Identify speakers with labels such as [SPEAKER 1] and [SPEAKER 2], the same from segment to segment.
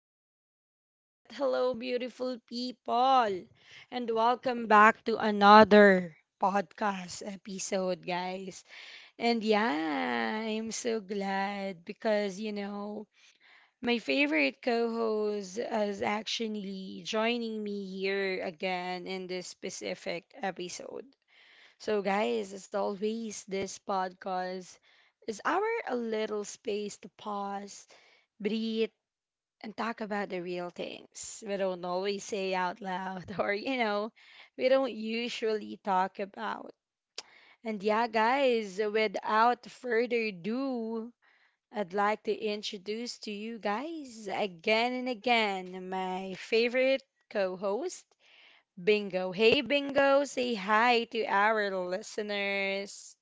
[SPEAKER 1] right. Hello, beautiful people. And welcome back to another podcast episode, guys. And yeah, I'm so glad because, my favorite co host is actually joining me here again in this specific episode. So, guys, as always, this podcast is our a little space to pause breathe and talk about the real things we don't always say out loud or, we don't usually talk about. And yeah, guys, without further ado, I'd like to introduce to you guys again and again my favorite co host, Bingo. Hey, Bingo, say hi to our listeners.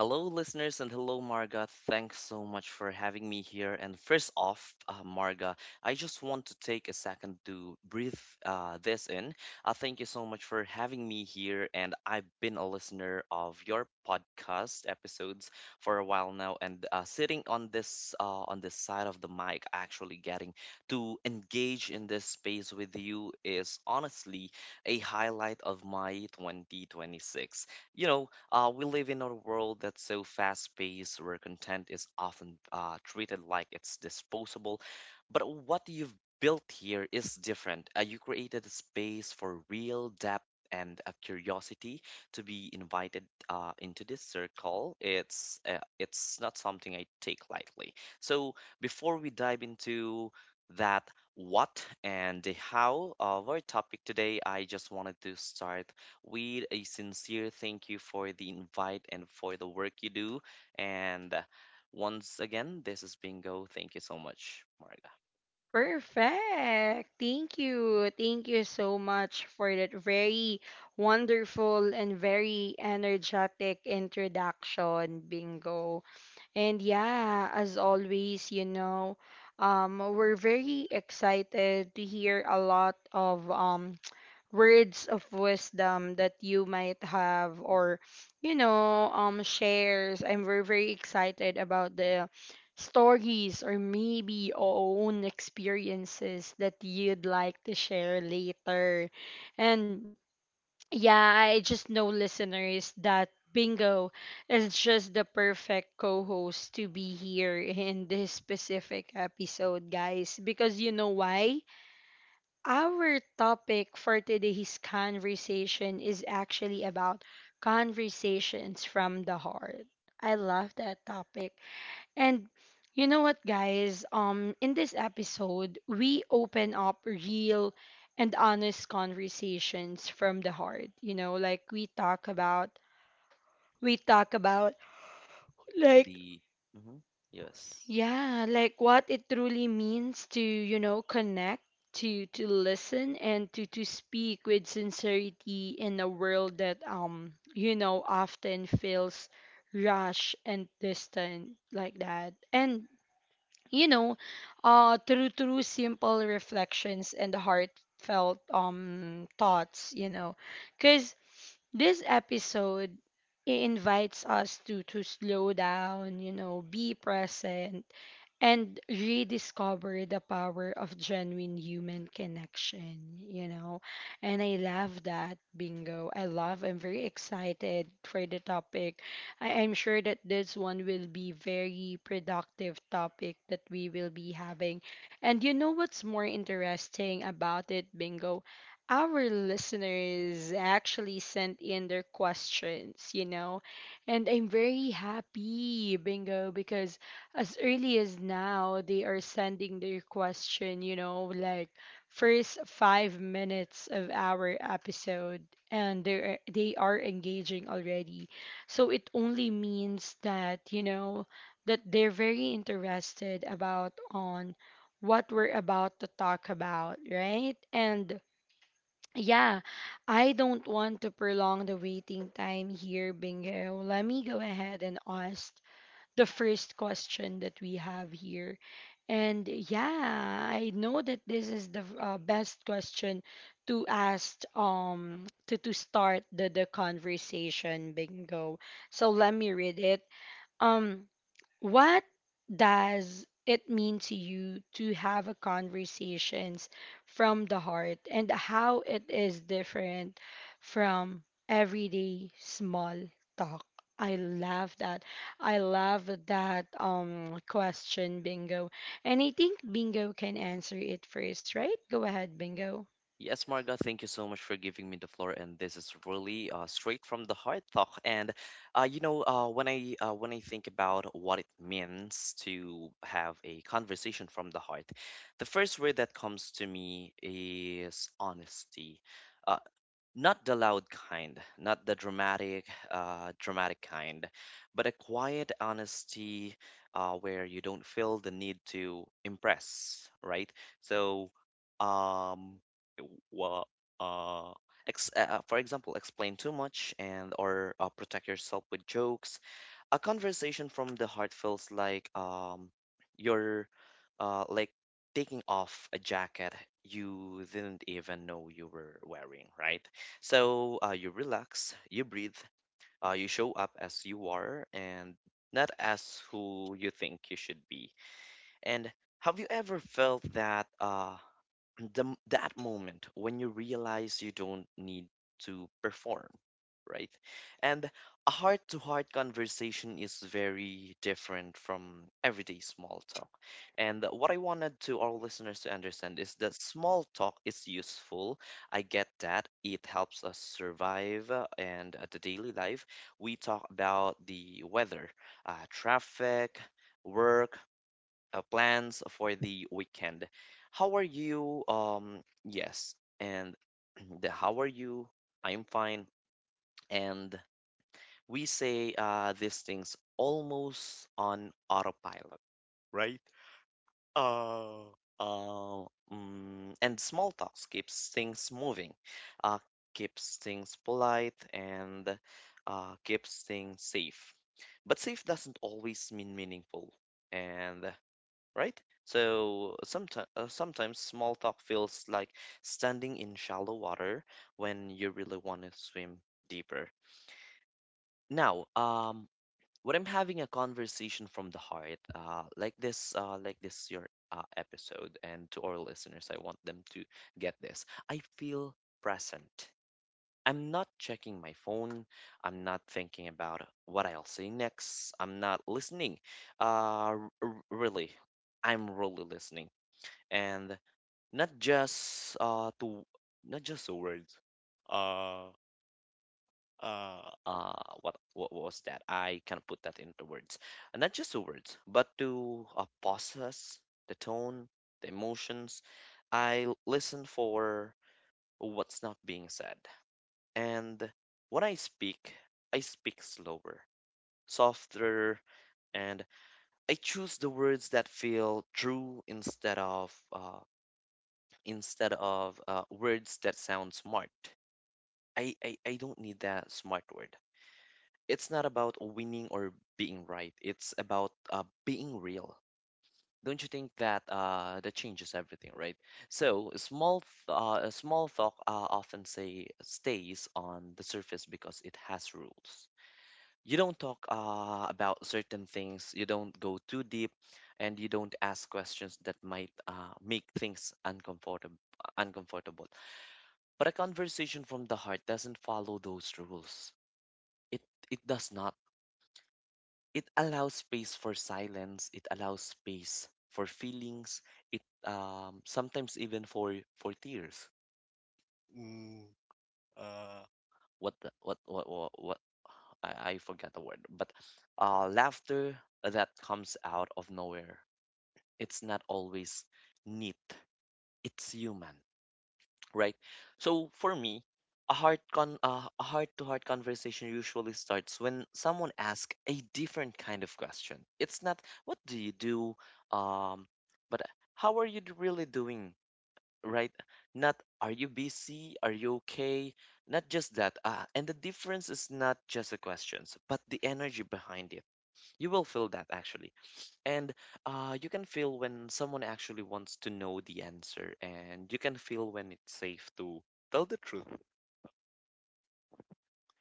[SPEAKER 2] Hello, listeners, and hello, Marga. Thanks so much for having me here. And first off, Marga, I just want to take a second to breathe this in. Thank you so much for having me here. And I've been a listener of your podcast episodes for a while now, and sitting on this side of the mic, actually getting to engage in this space with you is honestly a highlight of my 2026. you know we live in a world that's so fast-paced, where content is often treated like it's disposable. But what you've built here is different. You created a space for real depth and a curiosity to be invited into this circle. It's not something I take lightly. So before we dive into that what and the how of our topic today, I just wanted to start with a sincere thank you for the invite and for the work you do. And once again, this is Bingo. Thank you so much, Marga.
[SPEAKER 1] Perfect. Thank you. Thank you so much for that very wonderful and very energetic introduction, Bingo. And yeah, as always, we're very excited to hear a lot of words of wisdom that you might have or shares. I'm very excited about the stories or maybe own experiences that you'd like to share later. And yeah, I just know listeners that Bingo is just the perfect co-host to be here in this specific episode, guys, because you know why? Our topic for today's conversation is actually about conversations from the heart. I love that topic. And you know what, guys, in this episode, we open up real and honest conversations from the heart. You know, like we talk about, like,
[SPEAKER 2] The Mhm, yes.
[SPEAKER 1] yeah, like what it truly means to, you know, connect, to listen and to speak with sincerity in a world that you know, often feels rushed and distant like that. And you know, through simple reflections and heartfelt thoughts, you know. Cause. This episode invites us to slow down, you know, be present, and rediscover the power of genuine human connection, you know. And I love that, Bingo. I'm very excited for the topic. I'm sure that this one will be very productive topic that we will be having. And you know what's more interesting about it, Bingo? Our listeners actually sent in their questions, you know. And I'm very happy, Bingo, because as early as now, they are sending their question, you know, like first 5 minutes of our episode. And they are engaging already. So it only means that, you know, that they're very interested about on what we're about to talk about, right? And yeah, I don't want to prolong the waiting time here, Bingo. Let me go ahead and ask the first question that we have here. And yeah, I know that this is the best question to ask to start the conversation, Bingo. So let me read it. Um, what does it mean to you to have a conversations from the heart and how it is different from everyday small talk? I love that. I love that question, Bingo. And I think Bingo can answer it first, right? Go ahead, Bingo.
[SPEAKER 2] Yes, Marga, thank you so much for giving me the floor. And this is really straight from the heart talk. And when I think about what it means to have a conversation from the heart, the first word that comes to me is honesty. Uh, Not the loud kind, not the dramatic, dramatic kind, but a quiet honesty where you don't feel the need to impress, right? So, um, well, uh, ex for example, explain too much and or protect yourself with jokes. A conversation from the heart feels like you're like taking off a jacket you didn't even know you were wearing, right? So you relax, you breathe, you show up as you are and not as who you think you should be. And have you ever felt that? That moment when you realize you don't need to perform, right? And a heart to heart conversation is very different from everyday small talk, and what I wanted to our listeners to understand is that small talk is useful. I get that. It helps us survive and the daily life. We talk about the weather, traffic, work, plans for the weekend. How are you? Yes, and the how are you? I'm fine. And we say these things almost on autopilot, right? Uh, uh, and small talks keeps things moving, uh, keeps things polite, and keeps things safe. But safe doesn't always mean meaningful. And, right? So sometimes small talk feels like standing in shallow water when you really want to swim deeper. Now, when I'm having a conversation from the heart, like this your episode, and to our listeners, I want them to get this. I feel present. I'm not checking my phone. I'm not thinking about what I'll say next. I'm not listening. Really, I'm really listening and not just uh to not just the words, uh uh uh what was that I can't put that into words. And not just the words, but to process the tone, the emotions. Listen for what's not being said. And when I speak, I speak slower, softer, and I choose the words that feel true instead of words that sound smart. I don't need that smart word. It's not about winning or being right. It's about being real. Don't you think that changes everything, right? So small talk often say stays on the surface because it has rules. You don't talk about certain things. You don't go too deep, and you don't ask questions that might make things uncomfortable. Uncomfortable. But a conversation from the heart doesn't follow those rules. It it does not. It allows space for silence. It allows space for feelings. It sometimes even for tears. What the- what I forget the word. But uh, laughter that comes out of nowhere. It's not always neat. It's human, right? So for me, a heart-to-heart conversation usually starts when someone asks a different kind of question. It's not what do you do, um, but how are you d- really doing, right? Not are you busy, are you okay? Not just that. And the difference is not just the questions, but the energy behind it. You will feel that actually, and you can feel when someone actually wants to know the answer, and you can feel when it's safe to tell the truth.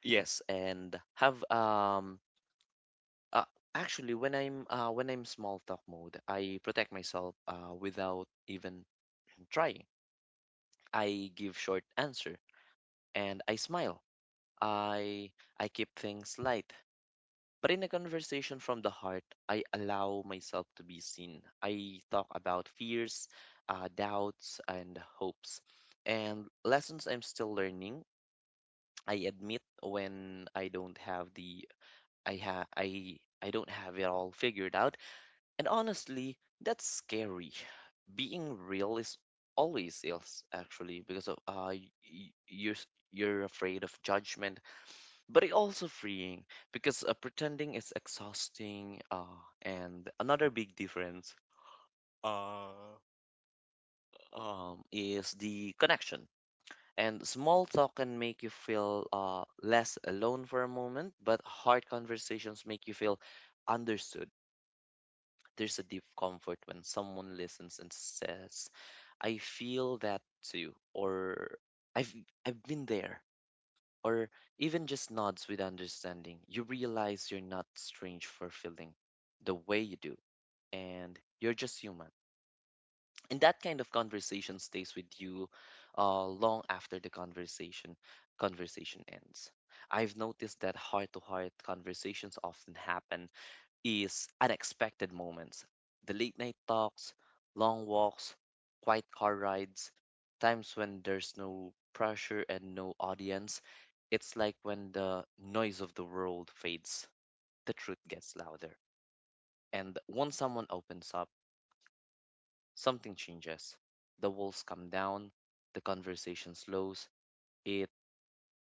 [SPEAKER 2] Yes, and have uh, actually when I'm small talk mode, I protect myself without even trying. I give short answer and I smile. I I keep things light. But in a conversation from the heart, I allow myself to be seen. I talk about fears, doubts, and hopes, and lessons I'm still learning. I admit when I don't have the I ha I don't have it all figured out, and honestly, that's scary. Being real is actually, because of you're you're afraid of judgment, but it also freeing, because pretending is exhausting. And another big difference, uh, is the connection. And small talk can make you feel less alone for a moment, but hard conversations make you feel understood. There's a deep comfort when someone listens and says, I feel that too, or i've I've been there, or even just nods with understanding. You realize you're not strange for feeling the way you do, and you're just human. And that kind of conversation stays with you long after the conversation conversation ends. I've noticed that heart to heart conversations often happen is unexpected moments. The late night talks, long walks, quiet car rides, times when there's no pressure and no audience. It's like when the noise of the world fades, the truth gets louder. And once someone opens up, something changes. The walls come down, the conversation slows, it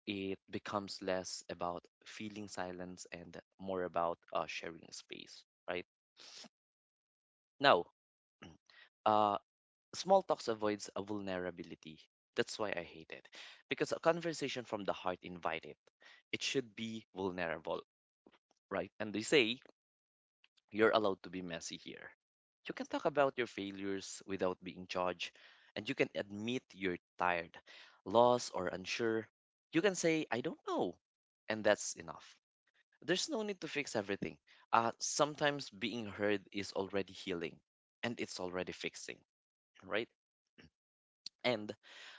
[SPEAKER 2] it becomes less about feeling silence and more about sharing space, right? Now, uh, small talks avoids a vulnerability. That's why I hate it. Because a conversation from the heart invite it. It should be vulnerable, right? And they say you're allowed to be messy here. You can talk about your failures without being judged, and you can admit you're tired, lost, or unsure. You can say, I don't know, and that's enough. There's no need to fix everything. Sometimes being heard is already healing, and it's already fixing, right? And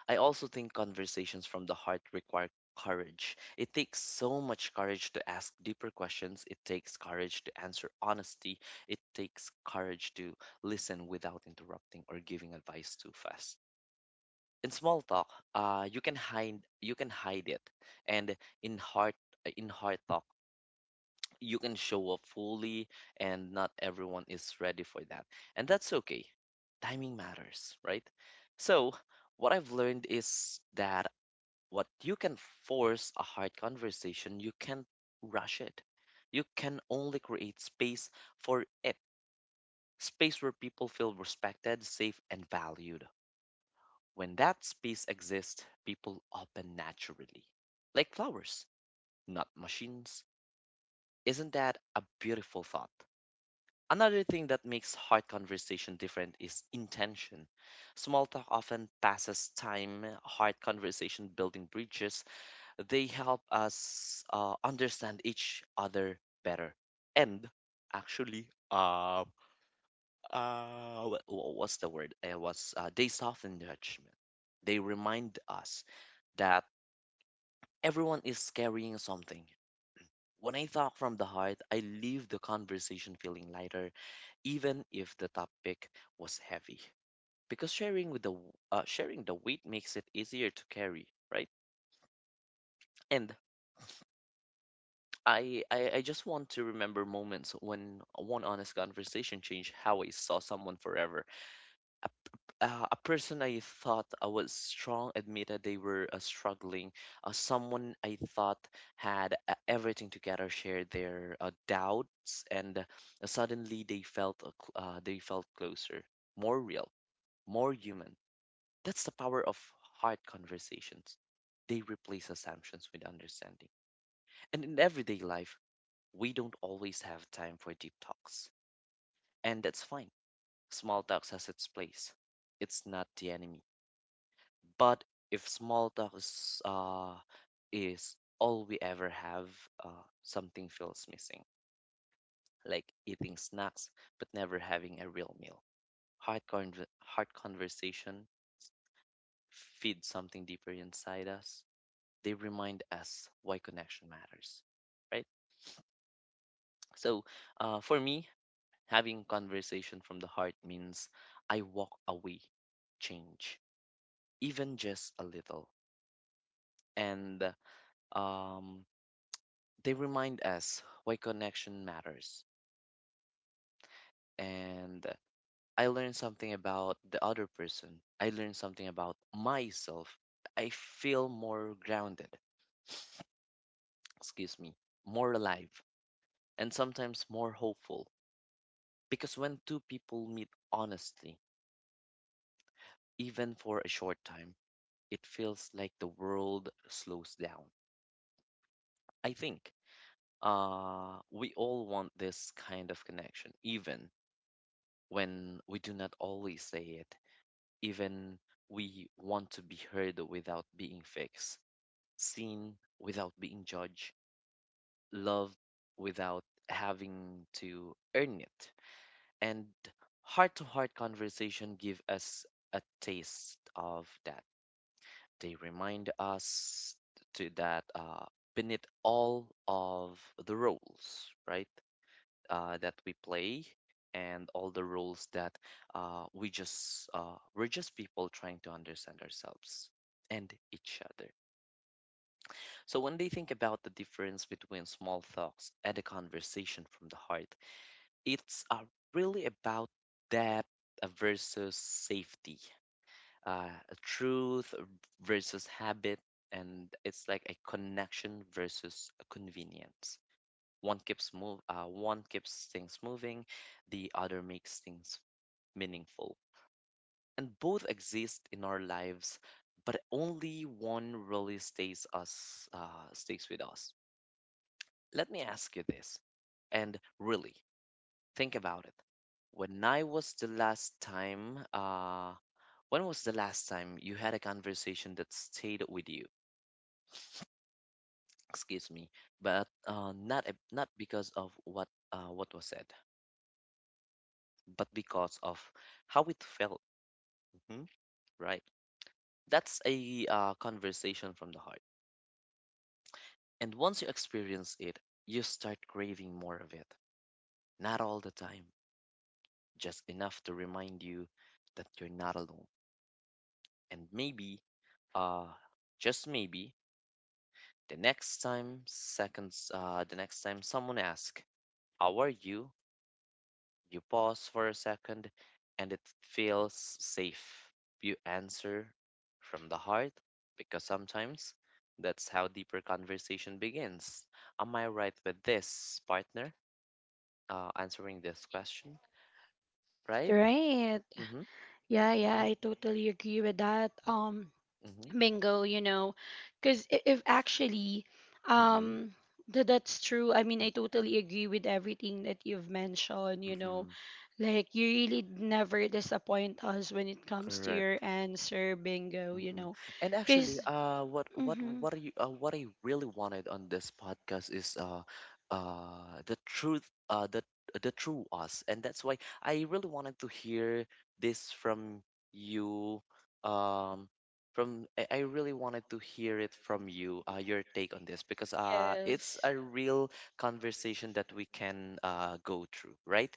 [SPEAKER 2] I also think conversations from the heart require courage. It takes so much courage to ask deeper questions. It takes courage to answer honesty. It takes courage to listen without interrupting or giving advice too fast. In small talk, you can hide, you can hide it, and in heart in heart talk you can show up fully, and not everyone is ready for that, and that's okay. Timing matters, right? So what I've learned is that what you can force a hard conversation. You can't rush it. You can only create space for it, space where people feel respected, safe, and valued. When that space exists, people open naturally, like flowers, not machines. Isn't that a beautiful thought? Another thing that makes hard conversation different is intention. Small talk often passes time, hard conversation building bridges. They help us understand each other better. And actually, wha- wha- what's the word? It was they soften judgment. They remind us that everyone is carrying something. When I talk from the heart, I leave the conversation feeling lighter even if the topic was heavy. Because sharing the weight makes it easier to carry, right? And I just want to remember moments when one honest conversation changed how I saw someone forever. A, p- a person I thought I was strong admitted they were struggling. Someone I thought had everything together shared their doubts, and suddenly they felt they felt closer, more real, more human. That's the power of hard conversations. They replace assumptions with understanding. And in everyday life, we don't always have time for deep talks. And that's fine. Small talks has its place. It's not the enemy. But if small talks is all we ever have, something feels missing. Like eating snacks but never having a real meal. Hard conversation feeds something deeper inside us. They remind us why connection matters, right? So for me, having conversation from the heart means I walk away, change, even just a little. And um, they remind us why connection matters. And I learn something about the other person, I learn something about myself. I feel more grounded, excuse me, more alive, and sometimes more hopeful. Because when two people meet honestly, even for a short time, it feels like the world slows down. I think we all want this kind of connection, even when we do not always say it, even we want to be heard without being fixed, seen without being judged, loved without having to earn it. And heart to heart conversation give us a taste of that. They remind us to that beneath all of the roles, right, that we play and all the roles that we're just people trying to understand ourselves and each other. So when they think about the difference between small talks and a conversation from the heart, it's really about depth versus safety, uh, truth versus habit, and it's like a connection versus a convenience. One keeps things moving, the other makes things meaningful, and both exist in our lives, but only one really stays with us. Let me ask you this, and really think about it. When I was the last time, uh, when was the last time you had a conversation that stayed with you? Excuse me, but not because of what was said, but because of how it felt. Mhm. Right, that's a conversation from the heart, and once you experience it, you start craving more of it, not all the time, just enough to remind you that you're not alone. And maybe, uh just maybe, the next time someone asks how are you, you pause for a second, and it feels safe. You answer from the heart, because sometimes that's how deeper conversation begins. Am I right with this, partner? Answering this question, right?
[SPEAKER 1] Right.
[SPEAKER 2] Mm-hmm.
[SPEAKER 1] Yeah, yeah,
[SPEAKER 2] Mm-hmm.
[SPEAKER 1] I totally agree with that.
[SPEAKER 2] Mm-hmm.
[SPEAKER 1] Bingo you know because if actually
[SPEAKER 2] Mm-hmm.
[SPEAKER 1] um th- that's true. I mean, I
[SPEAKER 2] Mm-hmm.
[SPEAKER 1] totally agree with everything that you've mentioned, you know,
[SPEAKER 2] Mm-hmm.
[SPEAKER 1] like you really never disappoint us when it comes to your
[SPEAKER 2] Correct.
[SPEAKER 1] answer, Bingo, you
[SPEAKER 2] Mm-mm.
[SPEAKER 1] know,
[SPEAKER 2] And actually,
[SPEAKER 1] because mm-hmm,
[SPEAKER 2] what I really wanted on this podcast is the truth, uh, the the true us, and that's why I really wanted to hear this from you. Um, from I, really wanted to hear it from you, your take on this, because it's
[SPEAKER 1] yes.
[SPEAKER 2] a real conversation that we can go through, right?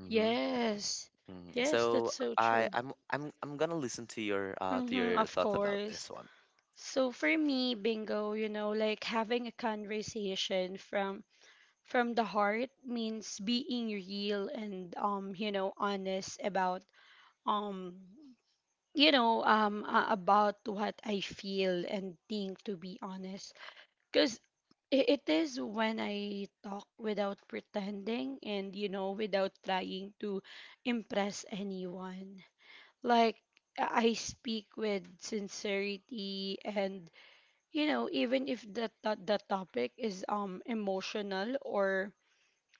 [SPEAKER 2] Mm-hmm.
[SPEAKER 1] Yes.
[SPEAKER 2] Mhm.
[SPEAKER 1] Yes,
[SPEAKER 2] So
[SPEAKER 1] that's so
[SPEAKER 2] I
[SPEAKER 1] true.
[SPEAKER 2] I'm gonna listen to
[SPEAKER 1] Mm-hmm,
[SPEAKER 2] your
[SPEAKER 1] of
[SPEAKER 2] thoughts about this
[SPEAKER 1] course.
[SPEAKER 2] one.
[SPEAKER 1] So for me, Bingo, you know, like having a conversation from the heart means being real and, you know, honest about um about what I feel and think, to be honest. Cuz it is when I talk without pretending and, you know, without trying to impress anyone. Like, I speak with sincerity and, you know, even if the topic is emotional or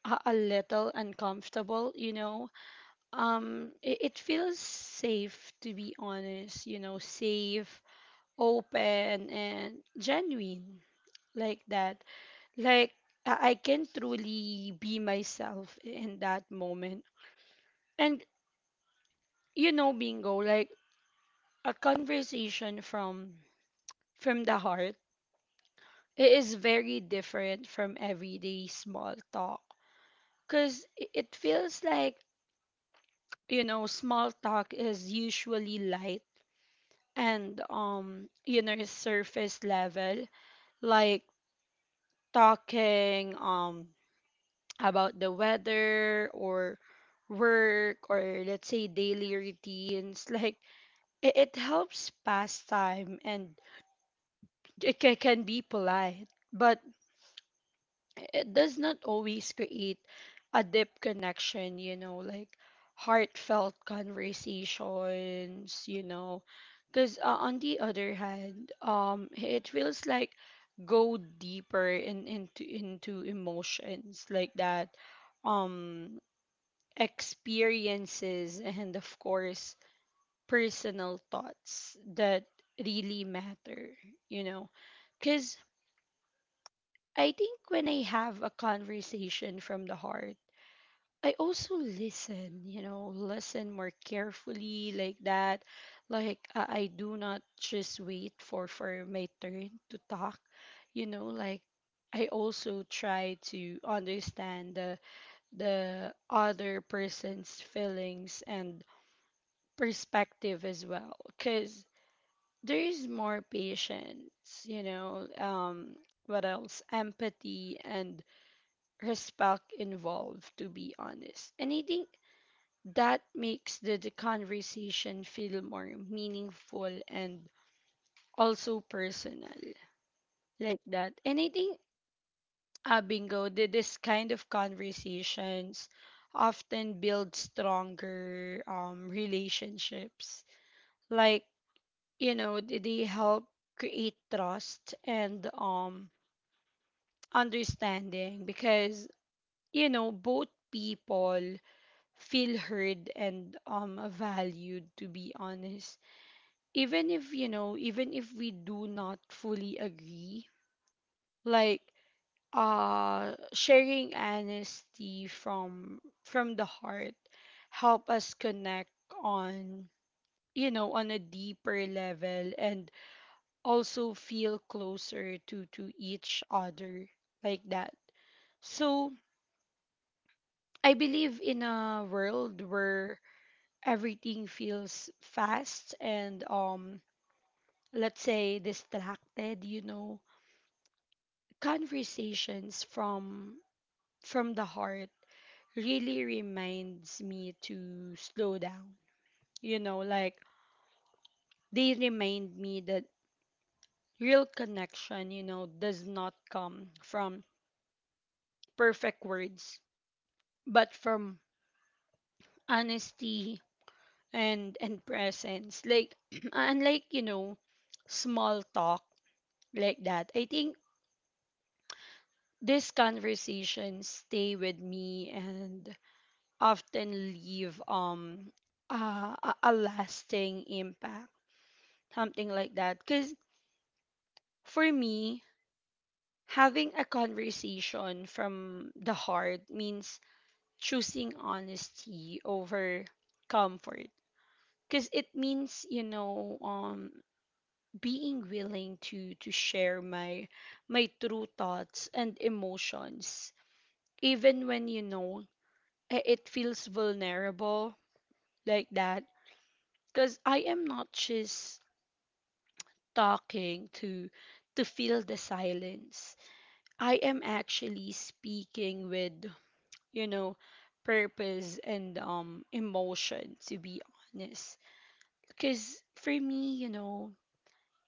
[SPEAKER 1] a little uncomfortable, you know, it, it feels safe to be honest, you know, safe, open and genuine, like that. Like, I can truly be myself in that moment. And you know, Bingo, like a conversation from the heart, it is very different from everyday small talk. Because it feels like, you know, small talk is usually light and, you know, surface level, like talking about the weather or work or let's say daily routines. Like, it helps pass time and it can be polite. But it does not always create a deep connection, you know, like heartfelt conversations, you know. Because on the other hand, it feels like go deeper into emotions like that, um, experiences, and of course, personal thoughts that really matter, you know. Because I think when I have a conversation from the heart, I also listen, you know, listen more carefully like that. Like, I do not just wait for my turn to talk, you know, like I also try to understand the other person's feelings and perspective as well. Cuz there is more patience, you know, um, what else? Empathy and respect involved, to be honest. And I think that makes the conversation feel more meaningful and also personal, like that. And I think, Bingo, this kind of conversations often build stronger relationships. Like, you know, they help create trust and, understanding because, you know, both people feel heard and valued, to be honest. Even if you know, even if we do not fully agree, like, sharing honesty from the heart help us connect on, you know, on a deeper level and also feel closer to each other, like that. So I believe in a world where everything feels fast and, let's say distracted, you know, conversations from the heart really reminds me to slow down, you know, like they remind me that real connection, you know, does not come from perfect words but from honesty and presence, like unlike, you know, small talk, like that. I think these conversations stay with me and often leave a lasting impact, something like that. Because for me, having a conversation from the heart means choosing honesty over comfort. Because it means, you know, being willing to share my true thoughts and emotions even when, you know, it feels vulnerable, like that. Because I am not just talking to feel the silence. I am actually speaking with, you know, purpose and emotion, to be honest. Because for me, you know,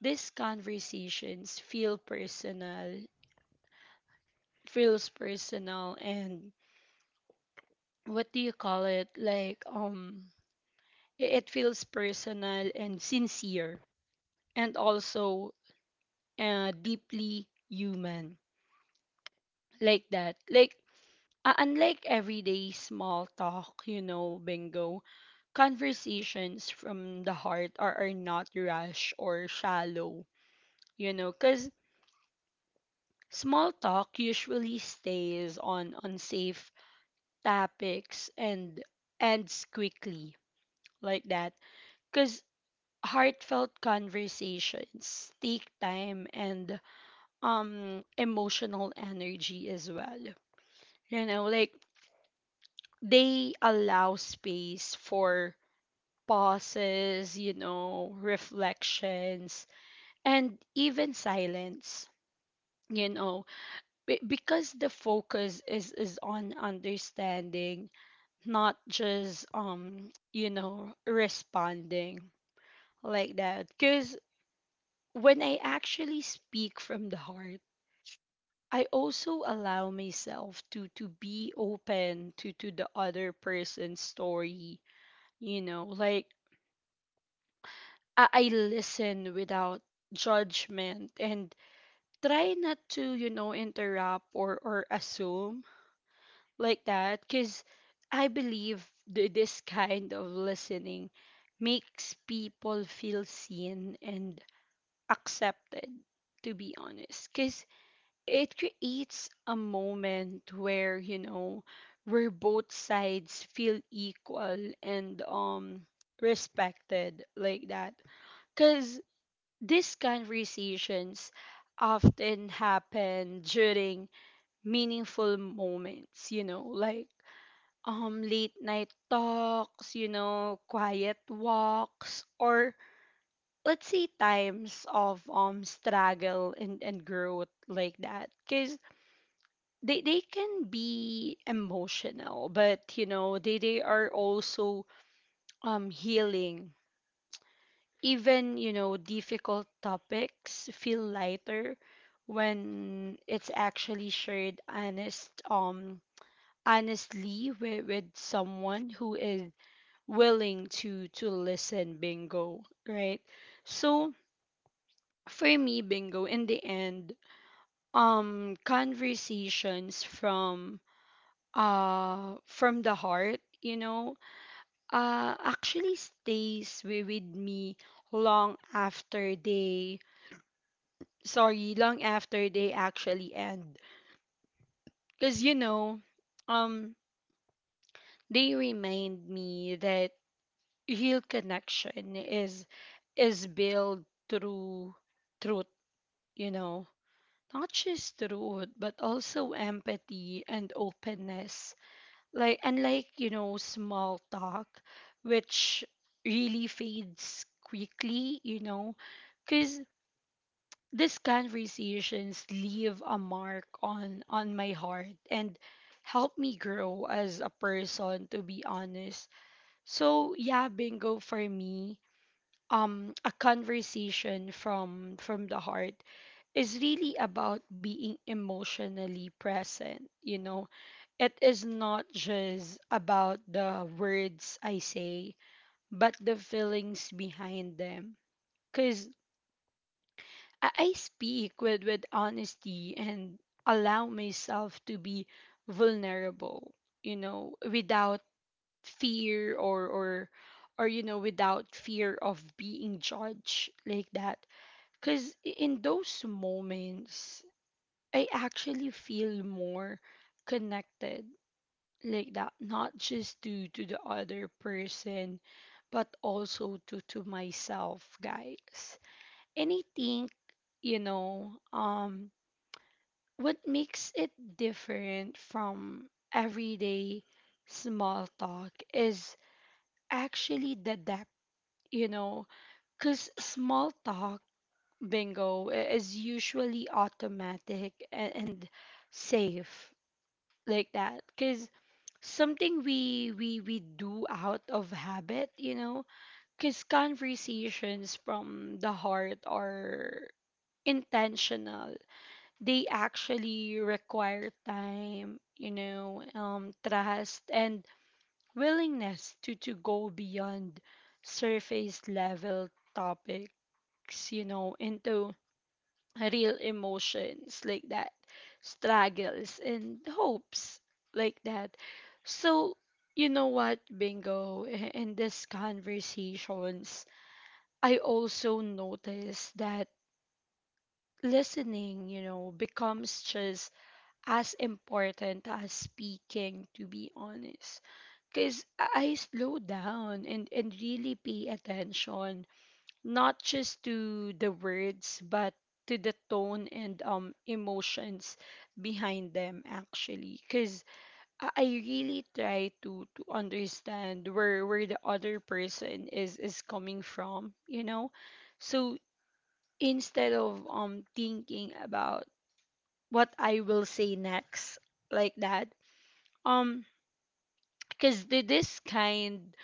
[SPEAKER 1] these conversations feel personal feels personal and what do you call it, like, it feels personal and sincere and also, deeply human, like that. Like, unlike everyday small talk, you know, Bingo, conversations from the heart are not rash or shallow, you know, because small talk usually stays on unsafe topics and ends quickly, like that. Because heartfelt conversations take time and emotional energy as well, you know, like they allow space for pauses, you know, reflections and even silence, you know. Be- because the focus is on understanding, not just, you know, responding, like that. Because when I actually speak from the heart, I also allow myself to be open to the other person's story, you know. Like, I listen without judgment and try not to, you know, interrupt or assume, like that. Because I believe this kind of listening makes people feel seen and accepted, to be honest. Because it creates a moment where, you know, where both sides feel equal and, respected, like that. Because these conversations often happen during meaningful moments, you know, like late night talks, you know, quiet walks, or let's say times of struggle and growth, like that. Cause they can be emotional, but you know, they are also healing. Even you know, difficult topics feel lighter when it's actually shared honestly with someone who is willing to listen, Bingo, right? So for me, Bingo, in the end, conversations from the heart, you know, actually stays with me long after they long after they actually end. Because, you know, um, they remind me that real connection is built through truth, you know, not just truth, but also empathy and openness. Like, unlike, you know, small talk, which really fades quickly, you know, because these conversations leave a mark on my heart and help me grow as a person, to be honest. So yeah, Bingo, for me, a conversation from the heart is really about being emotionally present, you know. It is not just about the words I say, but the feelings behind them. Cuz I speak with honesty and allow myself to be vulnerable, without fear or you know without fear of being judged, like that. Cuz in those moments I actually feel more connected, like that, not just to the other person, but also to myself, guys. And I think you know um what makes it different from everyday small talk is actually the depth, you know, because small talk, bingo, is usually automatic and safe, like that, because something we do out of habit, because conversations from the heart are intentional. They actually require time, trust and willingness to go beyond surface level topics, into real emotions, like that, struggles and hopes, like that. So, Bingo, in these conversations, I also noticed that listening, becomes just as important as speaking, to be honest, because I slow down and really pay attention, not just to the words but to the tone and emotions behind them, actually, because I really try to understand where the other person is coming from, so instead of thinking about what I will say next, like that. um because the, this kind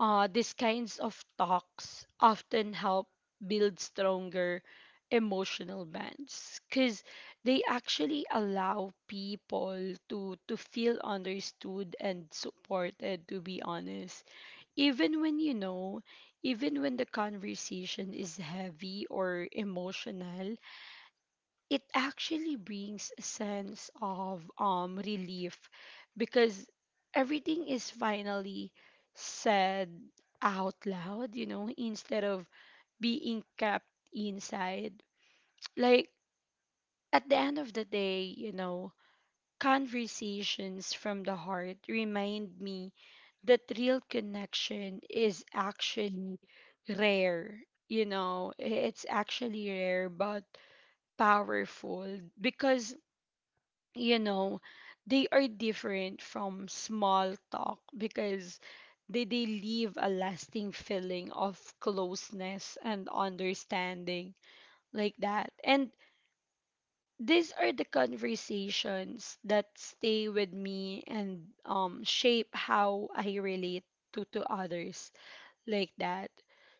[SPEAKER 1] uh these kinds of talks often help build stronger emotional bonds, because they actually allow people to feel understood and supported, to be honest. Even when even when the conversation is heavy or emotional, it actually brings a sense of relief, because everything is finally said out loud, instead of being kept inside, like. At the end of the day, conversations from the heart remind me that real connection is actually rare. It's actually rare but powerful, because, you know, they are different from small talk, because they leave a lasting feeling of closeness and understanding, like that. And these are the conversations that stay with me and shape how I relate to others, like that.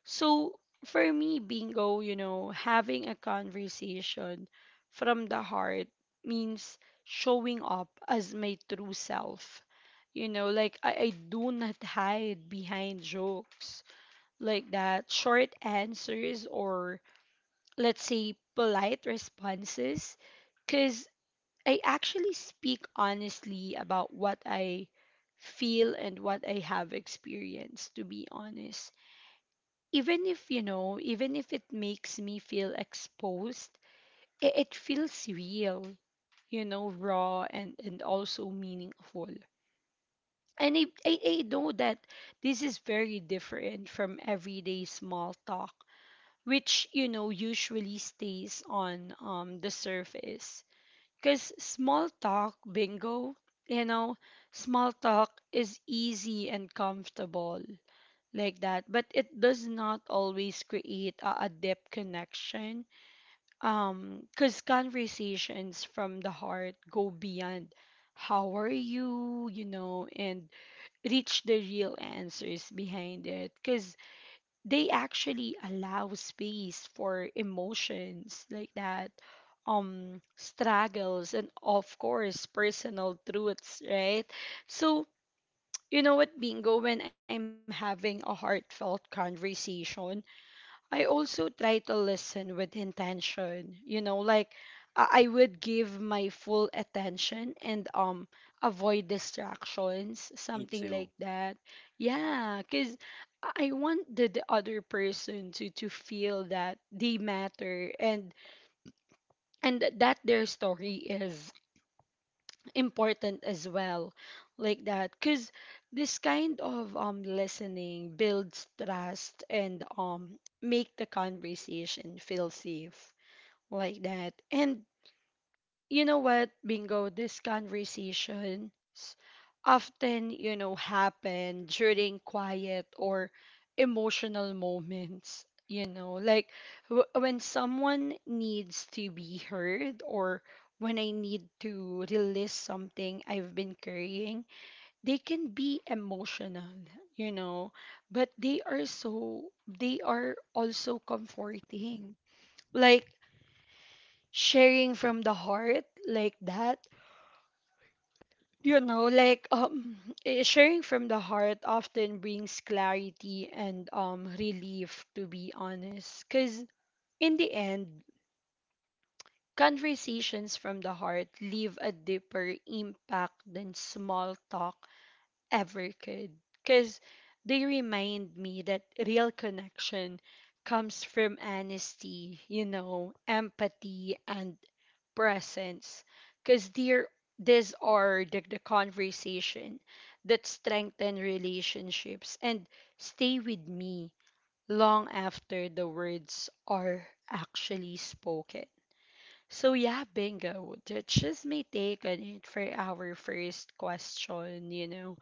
[SPEAKER 1] So for me, bingo, having a conversation from the heart means showing up as my true self. Like I do not hide behind jokes, like that, short answers, or, let's say, polite responses, because I actually speak honestly about what I feel and what I have experienced, to be honest, even if even if it makes me feel exposed. It feels real, raw and also meaningful. And I know that this is very different from everyday small talk, which, usually stays on the surface. Because small talk, bingo, you know small talk is easy and comfortable, like that, but it does not always create a deep connection. Because conversations from the heart go beyond how are you, you know and reach the real answers behind it, because they actually allow space for emotions, like that, struggles, and of course personal truths, right? So, you know what bingo when I'm having a heartfelt conversation, I also try to listen with intention, like I would give my full attention and avoid distractions,
[SPEAKER 2] Me
[SPEAKER 1] something like
[SPEAKER 2] too.
[SPEAKER 1] that. Yeah, cuz I want the other person to feel that they matter, and that their story is important as well, like that, because this kind of listening builds trust and make the conversation feel safe, like that. And Bingo, these conversations often, happen during quiet or emotional moments, like when someone needs to be heard, or when I need to release something I've been carrying. They can be emotional, you know, but they are so, they are also comforting. Like sharing from the heart, like that, you know like um sharing from the heart often brings clarity and relief, to be honest, because in the end, conversations from the heart leave a deeper impact than small talk ever could, because they remind me that real connection comes from honesty, empathy and presence, because they're, these are the conversation that strengthen relationships and stay with me long after the words are actually spoken. So yeah, bingo, that's just my take on it for our first question,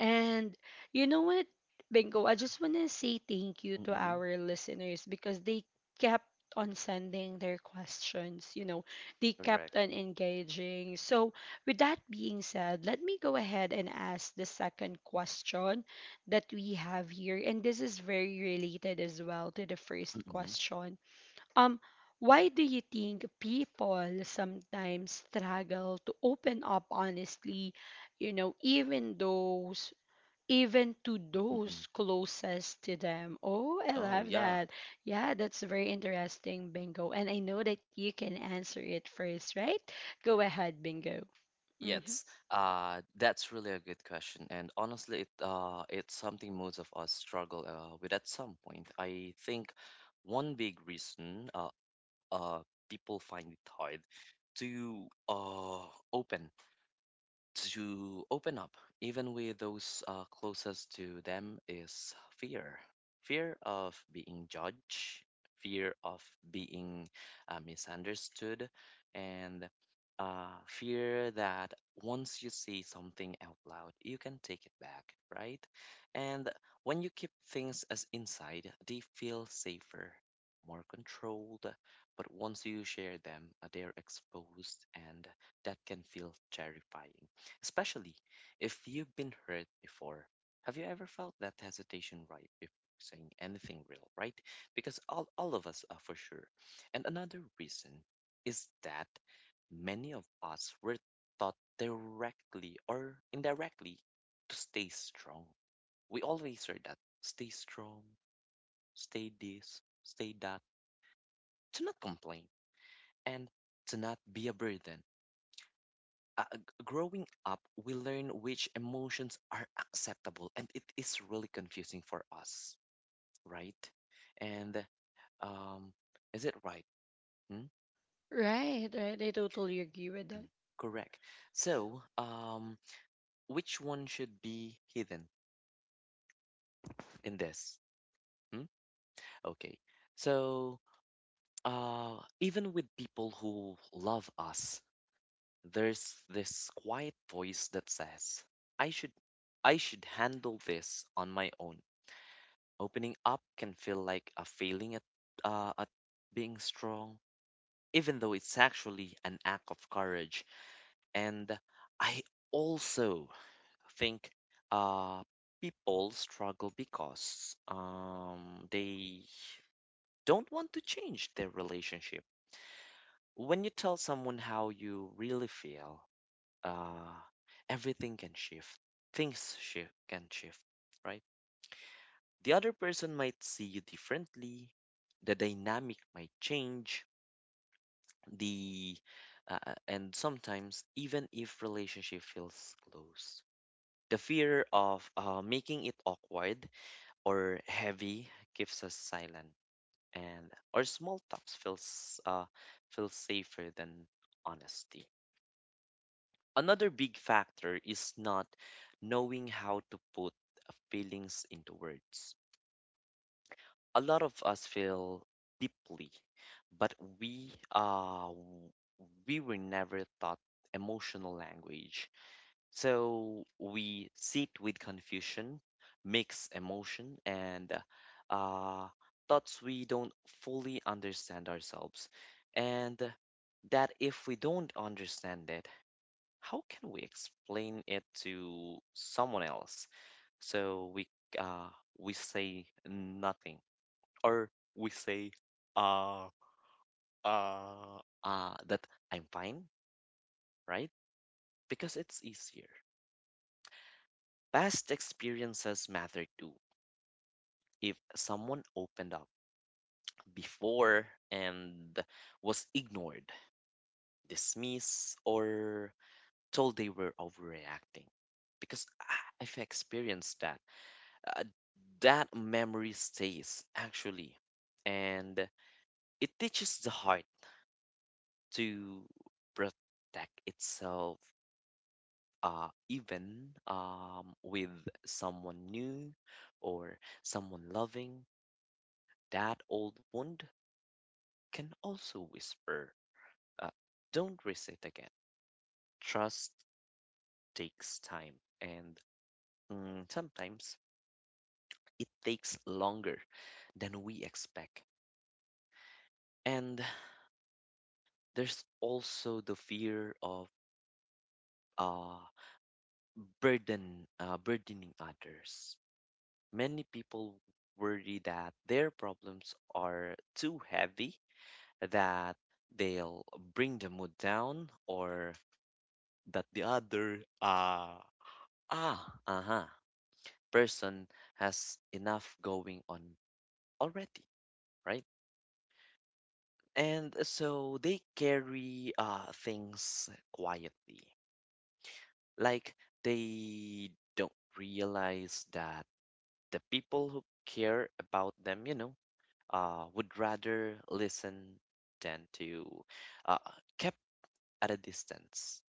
[SPEAKER 1] and you know what, Bingo, I just want to say thank you to
[SPEAKER 2] Mm-mm.
[SPEAKER 1] our listeners because they kept on sending their questions, they
[SPEAKER 2] Correct.
[SPEAKER 1] kept on engaging. So, with that being said, let me go ahead and ask the second question that we have here. And this is very related as well to the first
[SPEAKER 2] Mm-mm.
[SPEAKER 1] question. Um, why do you think people sometimes struggle to open up honestly, even those, even to
[SPEAKER 2] Mm-mm.
[SPEAKER 1] those closest to them? Oh, I
[SPEAKER 2] Oh
[SPEAKER 1] love
[SPEAKER 2] yeah.
[SPEAKER 1] that. Yeah, that's very interesting, Bingo. And I know that you can answer it first, right? Go ahead, Bingo. Hmm.
[SPEAKER 2] Yes. That's really a good question. And honestly, it's something most of us struggle with at some point. I think one big reason uh people find it hard to open to open up, even with those closest to them, is fear. Fear of being judged, fear of being misunderstood, and fear that once you say something out loud, you can take it back, right? And when you keep things as inside, they feel safer, more controlled. But once you share them, they're exposed, and that can feel terrifying, especially if you've been hurt before. Have you ever felt that hesitation right before saying anything real, right? Because all of us are, for sure. And another reason is that many of us were taught directly or indirectly to stay strong. We always heard that stay strong, stay this, stay that, to not complain, and to not be a burden. Growing up, we learn which emotions are acceptable, and it is really confusing for us, right? And um, is it right? Hmm?
[SPEAKER 1] Right, right. I totally agree with that.
[SPEAKER 2] Correct. So, which one should be hidden in this? Hmm? Okay. So, even with people who love us, there's this quiet voice that says, "I should, I should handle this on my own." Opening up can feel like a failing at being strong, even though it's actually an act of courage. And I also think uh, people struggle because they don't want to change their relationship. When you tell someone how you really feel, uh, everything can shift. Things shi can shift, right? The other person might see you differently, the dynamic might change, the and sometimes even if relationship feels close. The fear of making it awkward or heavy keeps us silent, and our small talks feels safer than honesty. Another big factor is not knowing how to put feelings into words. A lot of us feel deeply, but we uh w- we were never taught emotional language. So we sit with confusion, mix emotion and uh thoughts we don't fully understand ourselves. And that if we don't understand it, how can we explain it to someone else? So uh we say nothing, or we say uh that I'm fine, right? Because it's easier. Past experiences matter too. If someone opened up before and was ignored, dismissed, or told they were overreacting, because I've experienced that, uh, that memory stays actually, and it teaches the heart to protect itself, even with someone new or someone loving. That old wound can also whisper, uh, don't risk it again. Trust takes time, and sometimes it takes longer than we expect. And there's also the fear of uh, burdening others. Many people worry that their problems are too heavy, that they'll bring the mood down, or that the other ah uh-huh person has enough going on already, right? And so they carry things quietly, like they don't realize that the people who care about them, you know, would rather listen than to uh kept at a distance.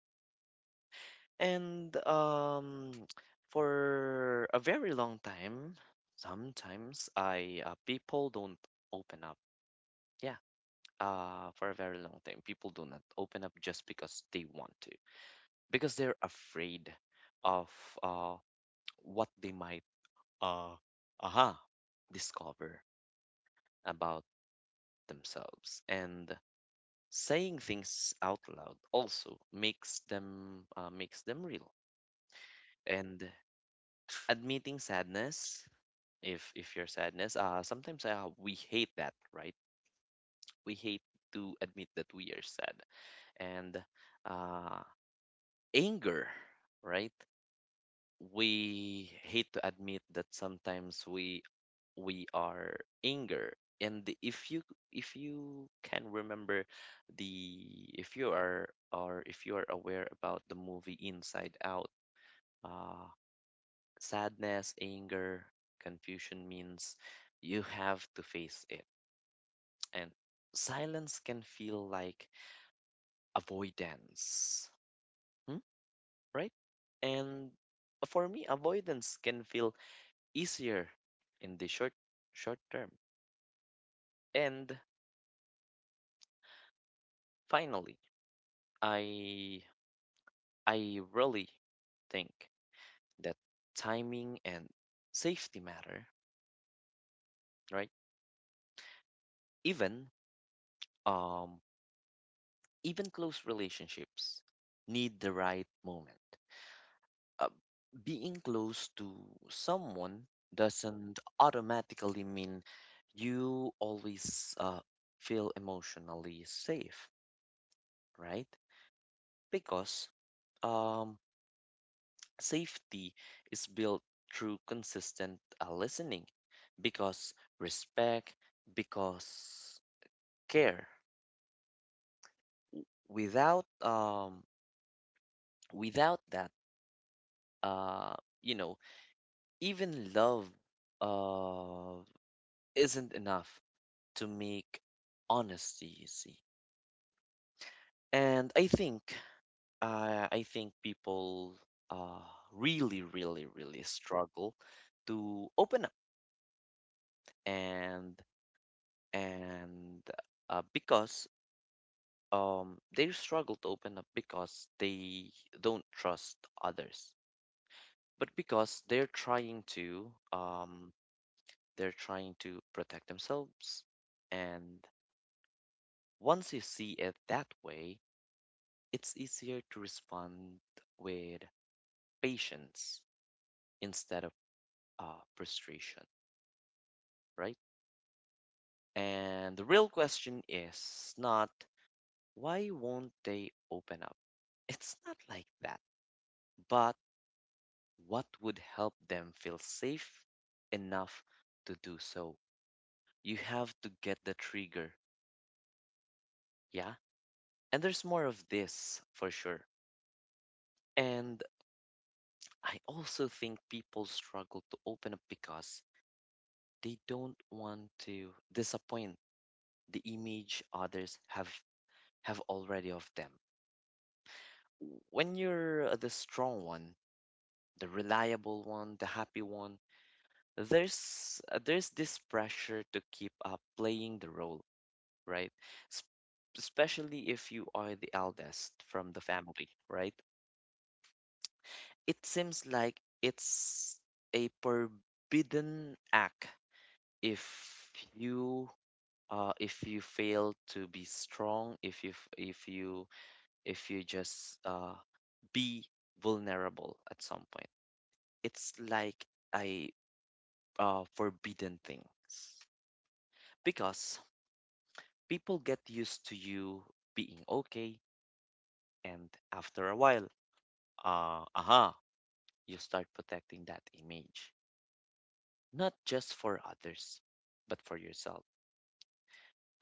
[SPEAKER 2] And for a very long time, sometimes I people don't open up. Yeah, for a very long time, people do not open up just because they want to, because they're afraid of uh, what they might uh, aha discover about themselves. And saying things out loud also makes them real. And admitting sadness, if your sadness, sometimes, we hate that, right? We hate to admit that we are sad. And uh anger, right? We hate to admit that sometimes we are anger. And if you, if you can remember, the if you are, or if you are aware about the movie Inside Out, uh sadness, anger, confusion means you have to face it. And silence can feel like avoidance, hmm? Right? And for me, avoidance can feel easier in the short term. And finally, I I really think that timing and safety matter, right? Even um Even close relationships need the right moment. Uh, Being close to someone doesn't automatically mean you always feel emotionally safe, right? Because um, safety is built through consistent listening, because respect, because care. Without um, Without that, uh, you know, even love uh, isn't enough to make honesty easy. And I think, I think people, uh, really, really, really struggle to open up, and and because, they struggle to open up because they don't trust others, but because they're trying to, they're trying to protect themselves. And once you see it that way, it's easier to respond with patience instead of frustration, right? And the real question is not, why won't they open up? It's not like that, but what would help them feel safe enough to do so? You have to get the trigger, yeah? And there's more of this, for sure. And I also think people struggle to open up because they don't want to disappoint the image others have already of them. When you're the strong one, the reliable one, the happy one, there's this pressure to keep up playing the role, right? S- Especially if you are the eldest from the family, right? It seems like it's a forbidden act if you, if you fail to be strong, if you, if you just, be vulnerable at some point. It's like a, forbidden things, because people get used to you being okay, and after a while, uh, aha, you start protecting that image, not just for others, but for yourself.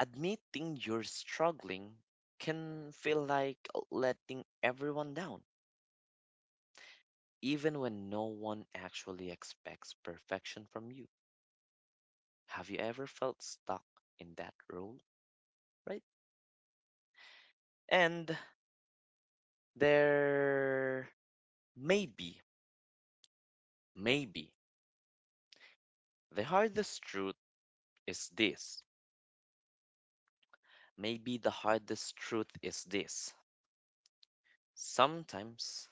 [SPEAKER 2] Admitting you're struggling can feel like letting everyone down, even when no one actually expects perfection from you. Have you ever felt stuck in that role, right? And there maybe, maybe the hardest truth is this. Maybe the hardest truth is this. Sometimes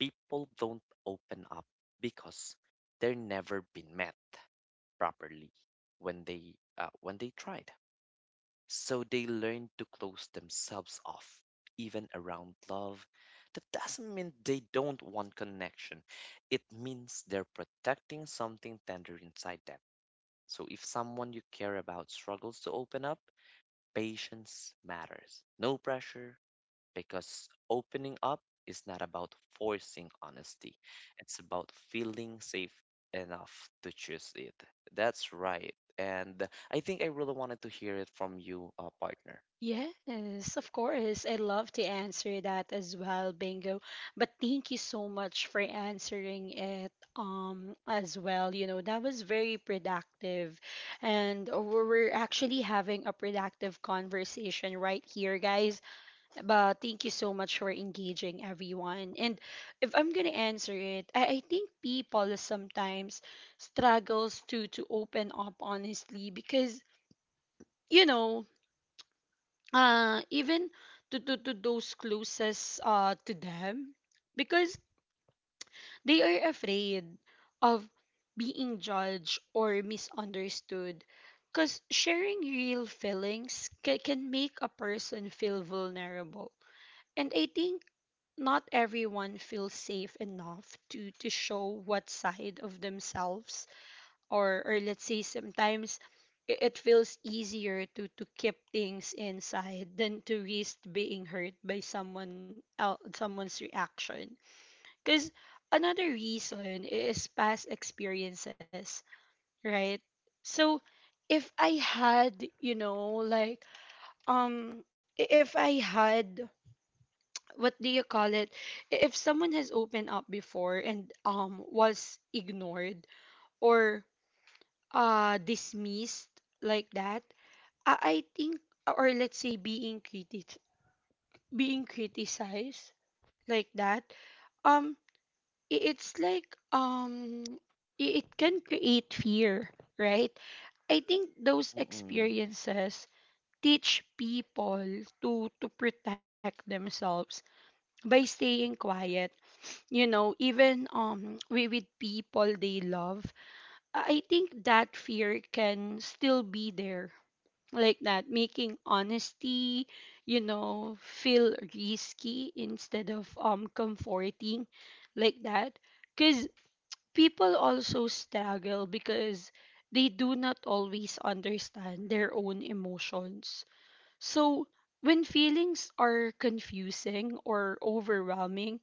[SPEAKER 2] people don't open up because they're never been met properly when they, when they tried. So they learn to close themselves off, even around love. That doesn't mean they don't want connection. It means they're protecting something tender inside them. So if someone you care about struggles to open up, patience matters. No pressure, because opening up is not about forcing honesty, it's about feeling safe enough to choose it. That's right. And I think I really wanted to hear it from you, partner.
[SPEAKER 1] Yes, of course. I love to answer that as well, Bingo. But thank you so much for answering it as well. That was very productive. And we're actually having a productive conversation right here, guys. But thank you so much for engaging, everyone. And if I'm gonna answer it, I think people sometimes struggles to open up honestly, because you know even to those closest, to them, because they are afraid of being judged or misunderstood, because sharing real feelings can make a person feel vulnerable. And I think not everyone feels safe enough to show what side of themselves, or let's say sometimes it feels easier to keep things inside than to risk being hurt by someone's reaction. Because another reason is past experiences, right? So if I had, you know like if I had, what do you call it, if someone has opened up before and was ignored, or dismissed, like that. I think, or let's say, being criticized, like that, um it's like, it can create fear, right? I think those
[SPEAKER 2] Mm-mm.
[SPEAKER 1] experiences teach people to protect themselves by staying quiet, even with people they love. I I think that fear can still be there, like that, making honesty, feel risky instead of comforting, like that. Because people also struggle because they do not always understand their own emotions. So when feelings are confusing or overwhelming,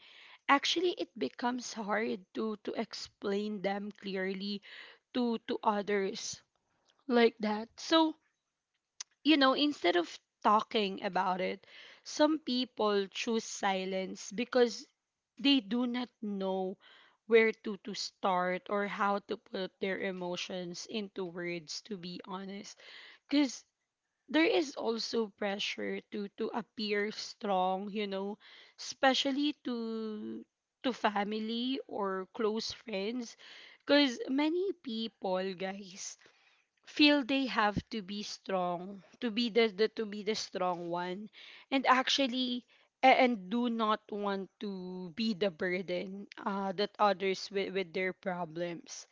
[SPEAKER 1] actually it becomes hard to explain them clearly to others, like that. So, instead of talking about it, some people choose silence because they do not know where to start or how to put their emotions into words, to be honest. Because there is also pressure to appear strong, especially to family or close friends, because many people, guys, feel they have to be strong, to be the to be the strong one, and actually, and do not want to be the burden, that others with their problems.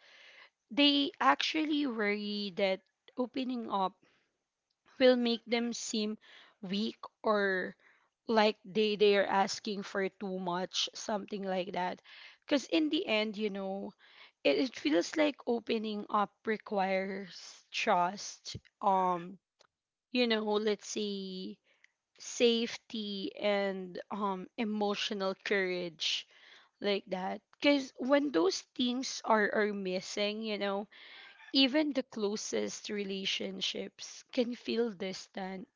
[SPEAKER 1] They actually worry that opening up will make them seem weak, or like they are asking for too much, something like that. Because in the end, it feels like opening up requires trust, let's say safety and emotional courage, like that, because when those things are missing, even the closest relationships can feel distant,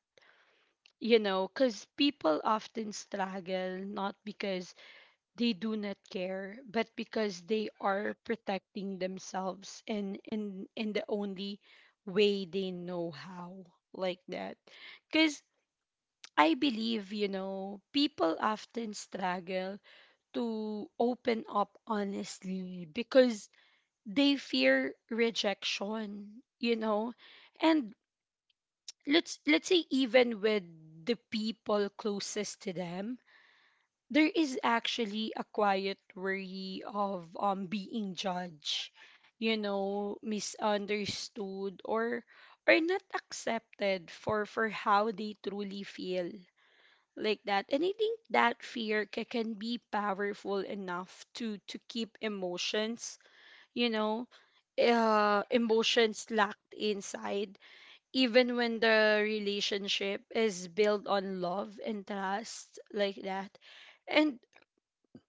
[SPEAKER 1] because people often struggle, not because they do not care, but because they are protecting themselves, and in the only way they know how, like that. Because I believe, people often struggle to open up honestly because they fear rejection, you know and let's say even with the people closest to them, there is actually a quiet worry of being judged, misunderstood, or not accepted for how they truly feel, like that. And I think that fear can be powerful enough to keep emotions, you know, emotions locked inside, even when the relationship is built on love and trust, like that. And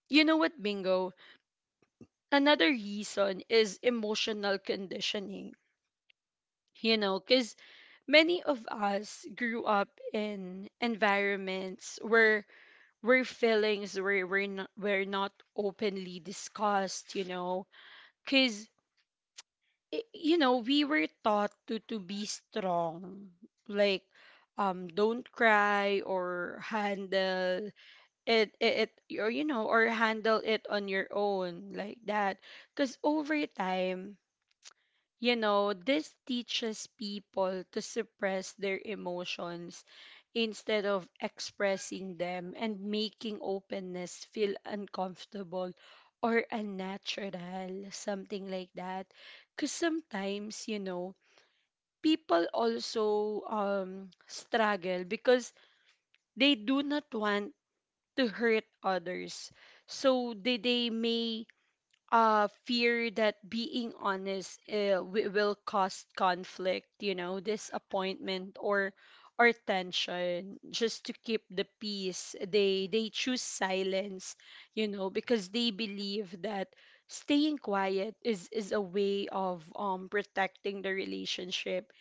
[SPEAKER 1] bingo? Another reason is emotional conditioning. Because many of us grew up in environments where feelings were not openly discussed. Because we were taught to be strong, like, don't cry, or handle it, or or handle it on your own, like that, because over time, this teaches people to suppress their emotions instead of expressing them, and making openness feel uncomfortable or unnatural, something like that. Because sometimes, people also struggle because they do not want to hurt others. So they may fear that being honest will cause conflict, disappointment or tension. Just to keep the peace, they choose silence, because they believe that staying quiet is a way of protecting the relationship,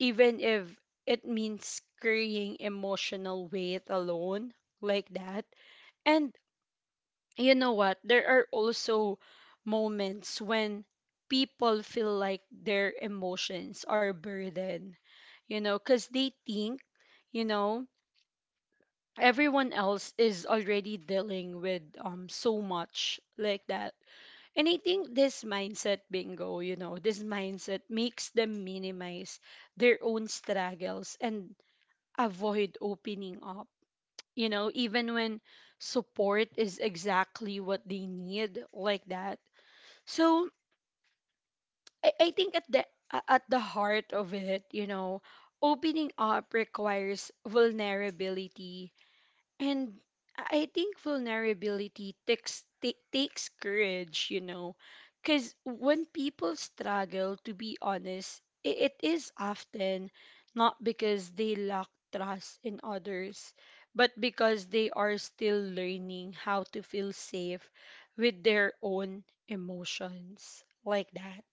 [SPEAKER 1] even if it means carrying emotional weight alone, like that. And you know what, there are also moments when people feel like their emotions are burdened, because they think, you know everyone else is already dealing with so much, like that. And I think this mindset, bingo, you know, this mindset makes them minimize their own struggles and avoid opening up, you know, even when support is exactly what they need, like that. So I think at the at the heart of it, you know, opening up requires vulnerability, and I think vulnerability takes courage, you know, because when people struggle to be honest, it is often not because they lack trust in others, but because they are still learning how to feel safe with their own emotions, like that.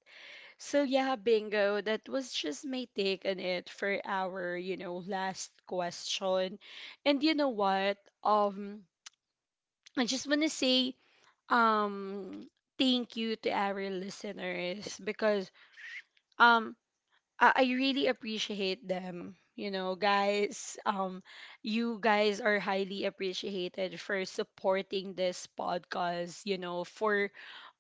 [SPEAKER 1] So yeah, bingo. That was just my take on it for our, you know, last question. And you know what? Um, I just want to say um thank you to our listeners, because um I really appreciate them. You know, guys, you guys are highly appreciated for supporting this podcast. You know, for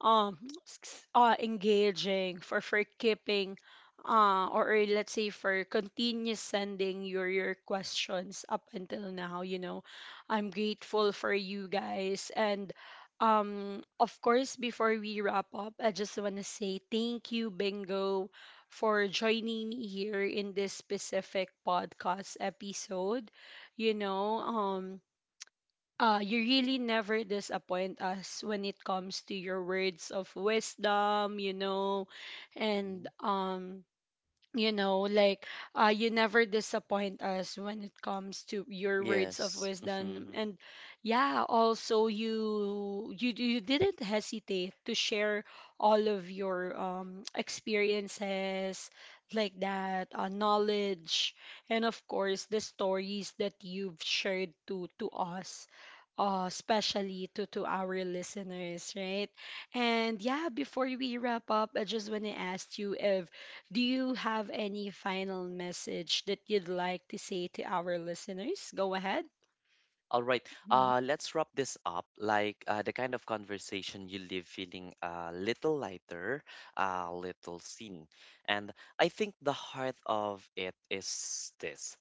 [SPEAKER 1] um, engaging, for keeping, or let's say for continuous sending your questions up until now. You know, I'm grateful for you guys, and. Of course, before we wrap up, I just want to say thank you, Bingo, for joining me here in this specific podcast episode. You know, you really never disappoint us when it comes to your words of wisdom, you know, and
[SPEAKER 2] Mhm.
[SPEAKER 1] you know, like you never disappoint us when it comes to your words of
[SPEAKER 2] Yes.
[SPEAKER 1] wisdom.
[SPEAKER 2] Mhm.
[SPEAKER 1] And yeah, also you didn't hesitate to share all of your experiences like that, knowledge, and of course the stories that you've shared to us, especially to our listeners, right? And yeah, before we wrap up, I just want to ask you, if, do you have any final message that you'd like to say to our listeners? Go ahead.
[SPEAKER 2] All right. Let's wrap this up. Like the kind of conversation you leave feeling a little lighter, a little seen. And I think the heart of it is this.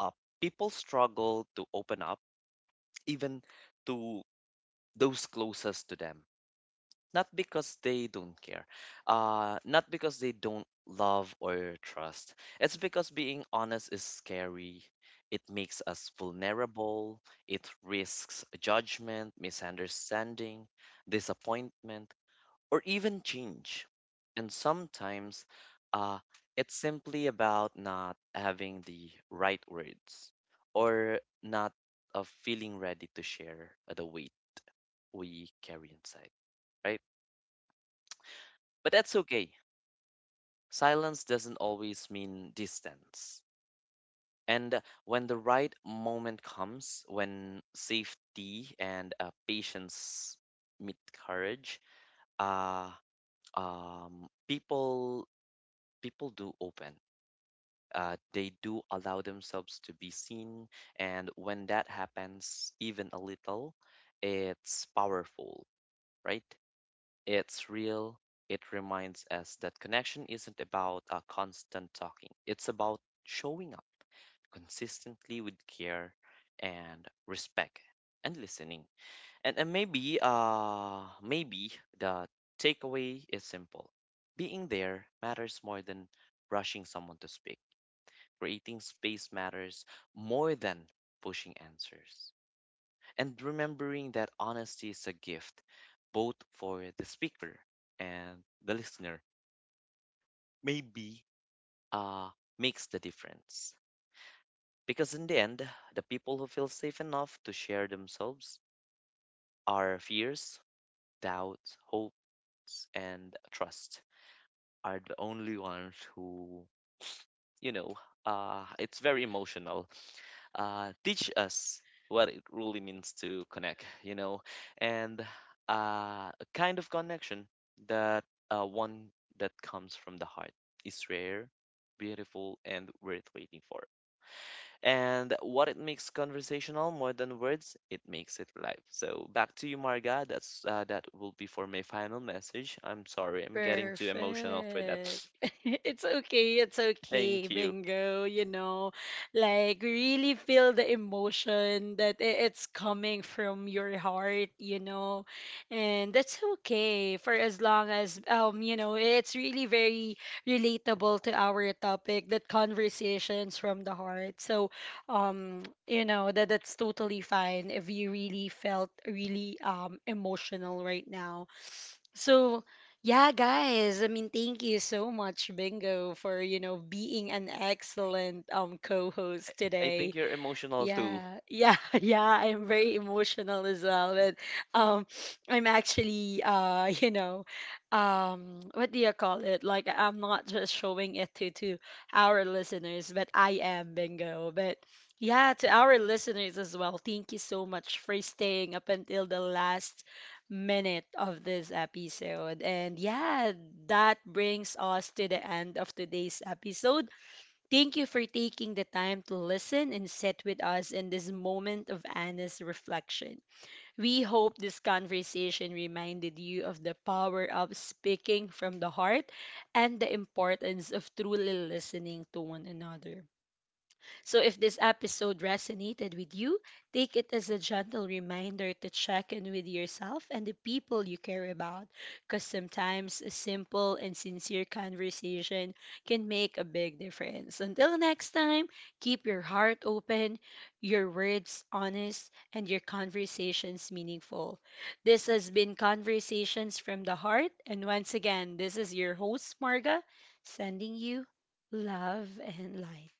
[SPEAKER 2] Uh, People struggle to open up, even to those closest to them, not because they don't care, not because they don't love or trust. It's because being honest is scary. It makes us vulnerable. It risks judgment, misunderstanding, disappointment, or even change. And sometimes, uh, it's simply about not having the right words or not, feeling ready to share the weight we carry inside, right? But that's okay. Silence doesn't always mean distance. And when the right moment comes, when safety and, patience meet courage, uh, um, people people do open. They do allow themselves to be seen, and when that happens, even a little, it's powerful, right? It's real. It reminds us that connection isn't about a constant talking, it's about showing up consistently with care and respect and listening. And maybe, maybe the takeaway is simple: being there matters more than rushing someone to speak, creating space matters more than pushing answers, and remembering that honesty is a gift, both for the speaker and the listener, maybe uh, makes the difference. Because in the end, the people who feel safe enough to share themselves, our fears, doubts, hopes, and trust are the only ones who, you know, it's very emotional, teach us what it really means to connect, you know. And a kind of connection that, one that comes from the heart, is rare, beautiful, and worth waiting for. And what it makes conversational more than words, it makes it live. So back to you, Marga. That's that will be for my final message. I'm sorry, I'm getting too emotional for that.
[SPEAKER 1] Perfect. It's okay. It's okay,
[SPEAKER 2] Thank you.
[SPEAKER 1] Bingo. You know, like, really feel the emotion that it's coming from your heart, you know, and that's okay, for as long as, you know, it's really very relatable to our topic, that conversations from the heart. So, you know, that that's totally fine if you really felt really, emotional right now. So, yeah, guys, I mean, thank you so much, Bingo, for, you know, being an excellent co-host
[SPEAKER 2] I
[SPEAKER 1] today.
[SPEAKER 2] think you're emotional too.
[SPEAKER 1] Yeah, yeah, yeah. I'm very emotional as well. But um, I'm actually you know, what do you call it? Like, I'm not just showing it to our listeners, but I am, bingo. But yeah, to our listeners as well, thank you so much for staying up until the last minute of this episode. And yeah, that brings us to the end of today's episode. Thank you for taking the time to listen and sit with us in this moment of honest reflection. We hope this conversation reminded you of the power of speaking from the heart and the importance of truly listening to one another. So if this episode resonated with you, take it as a gentle reminder to check in with yourself and the people you care about. Because sometimes a simple and sincere conversation can make a big difference. Until next time, keep your heart open, your words honest, and your conversations meaningful. This has been Conversations from the Heart. And once again, this is your host, Marga, sending you love and light.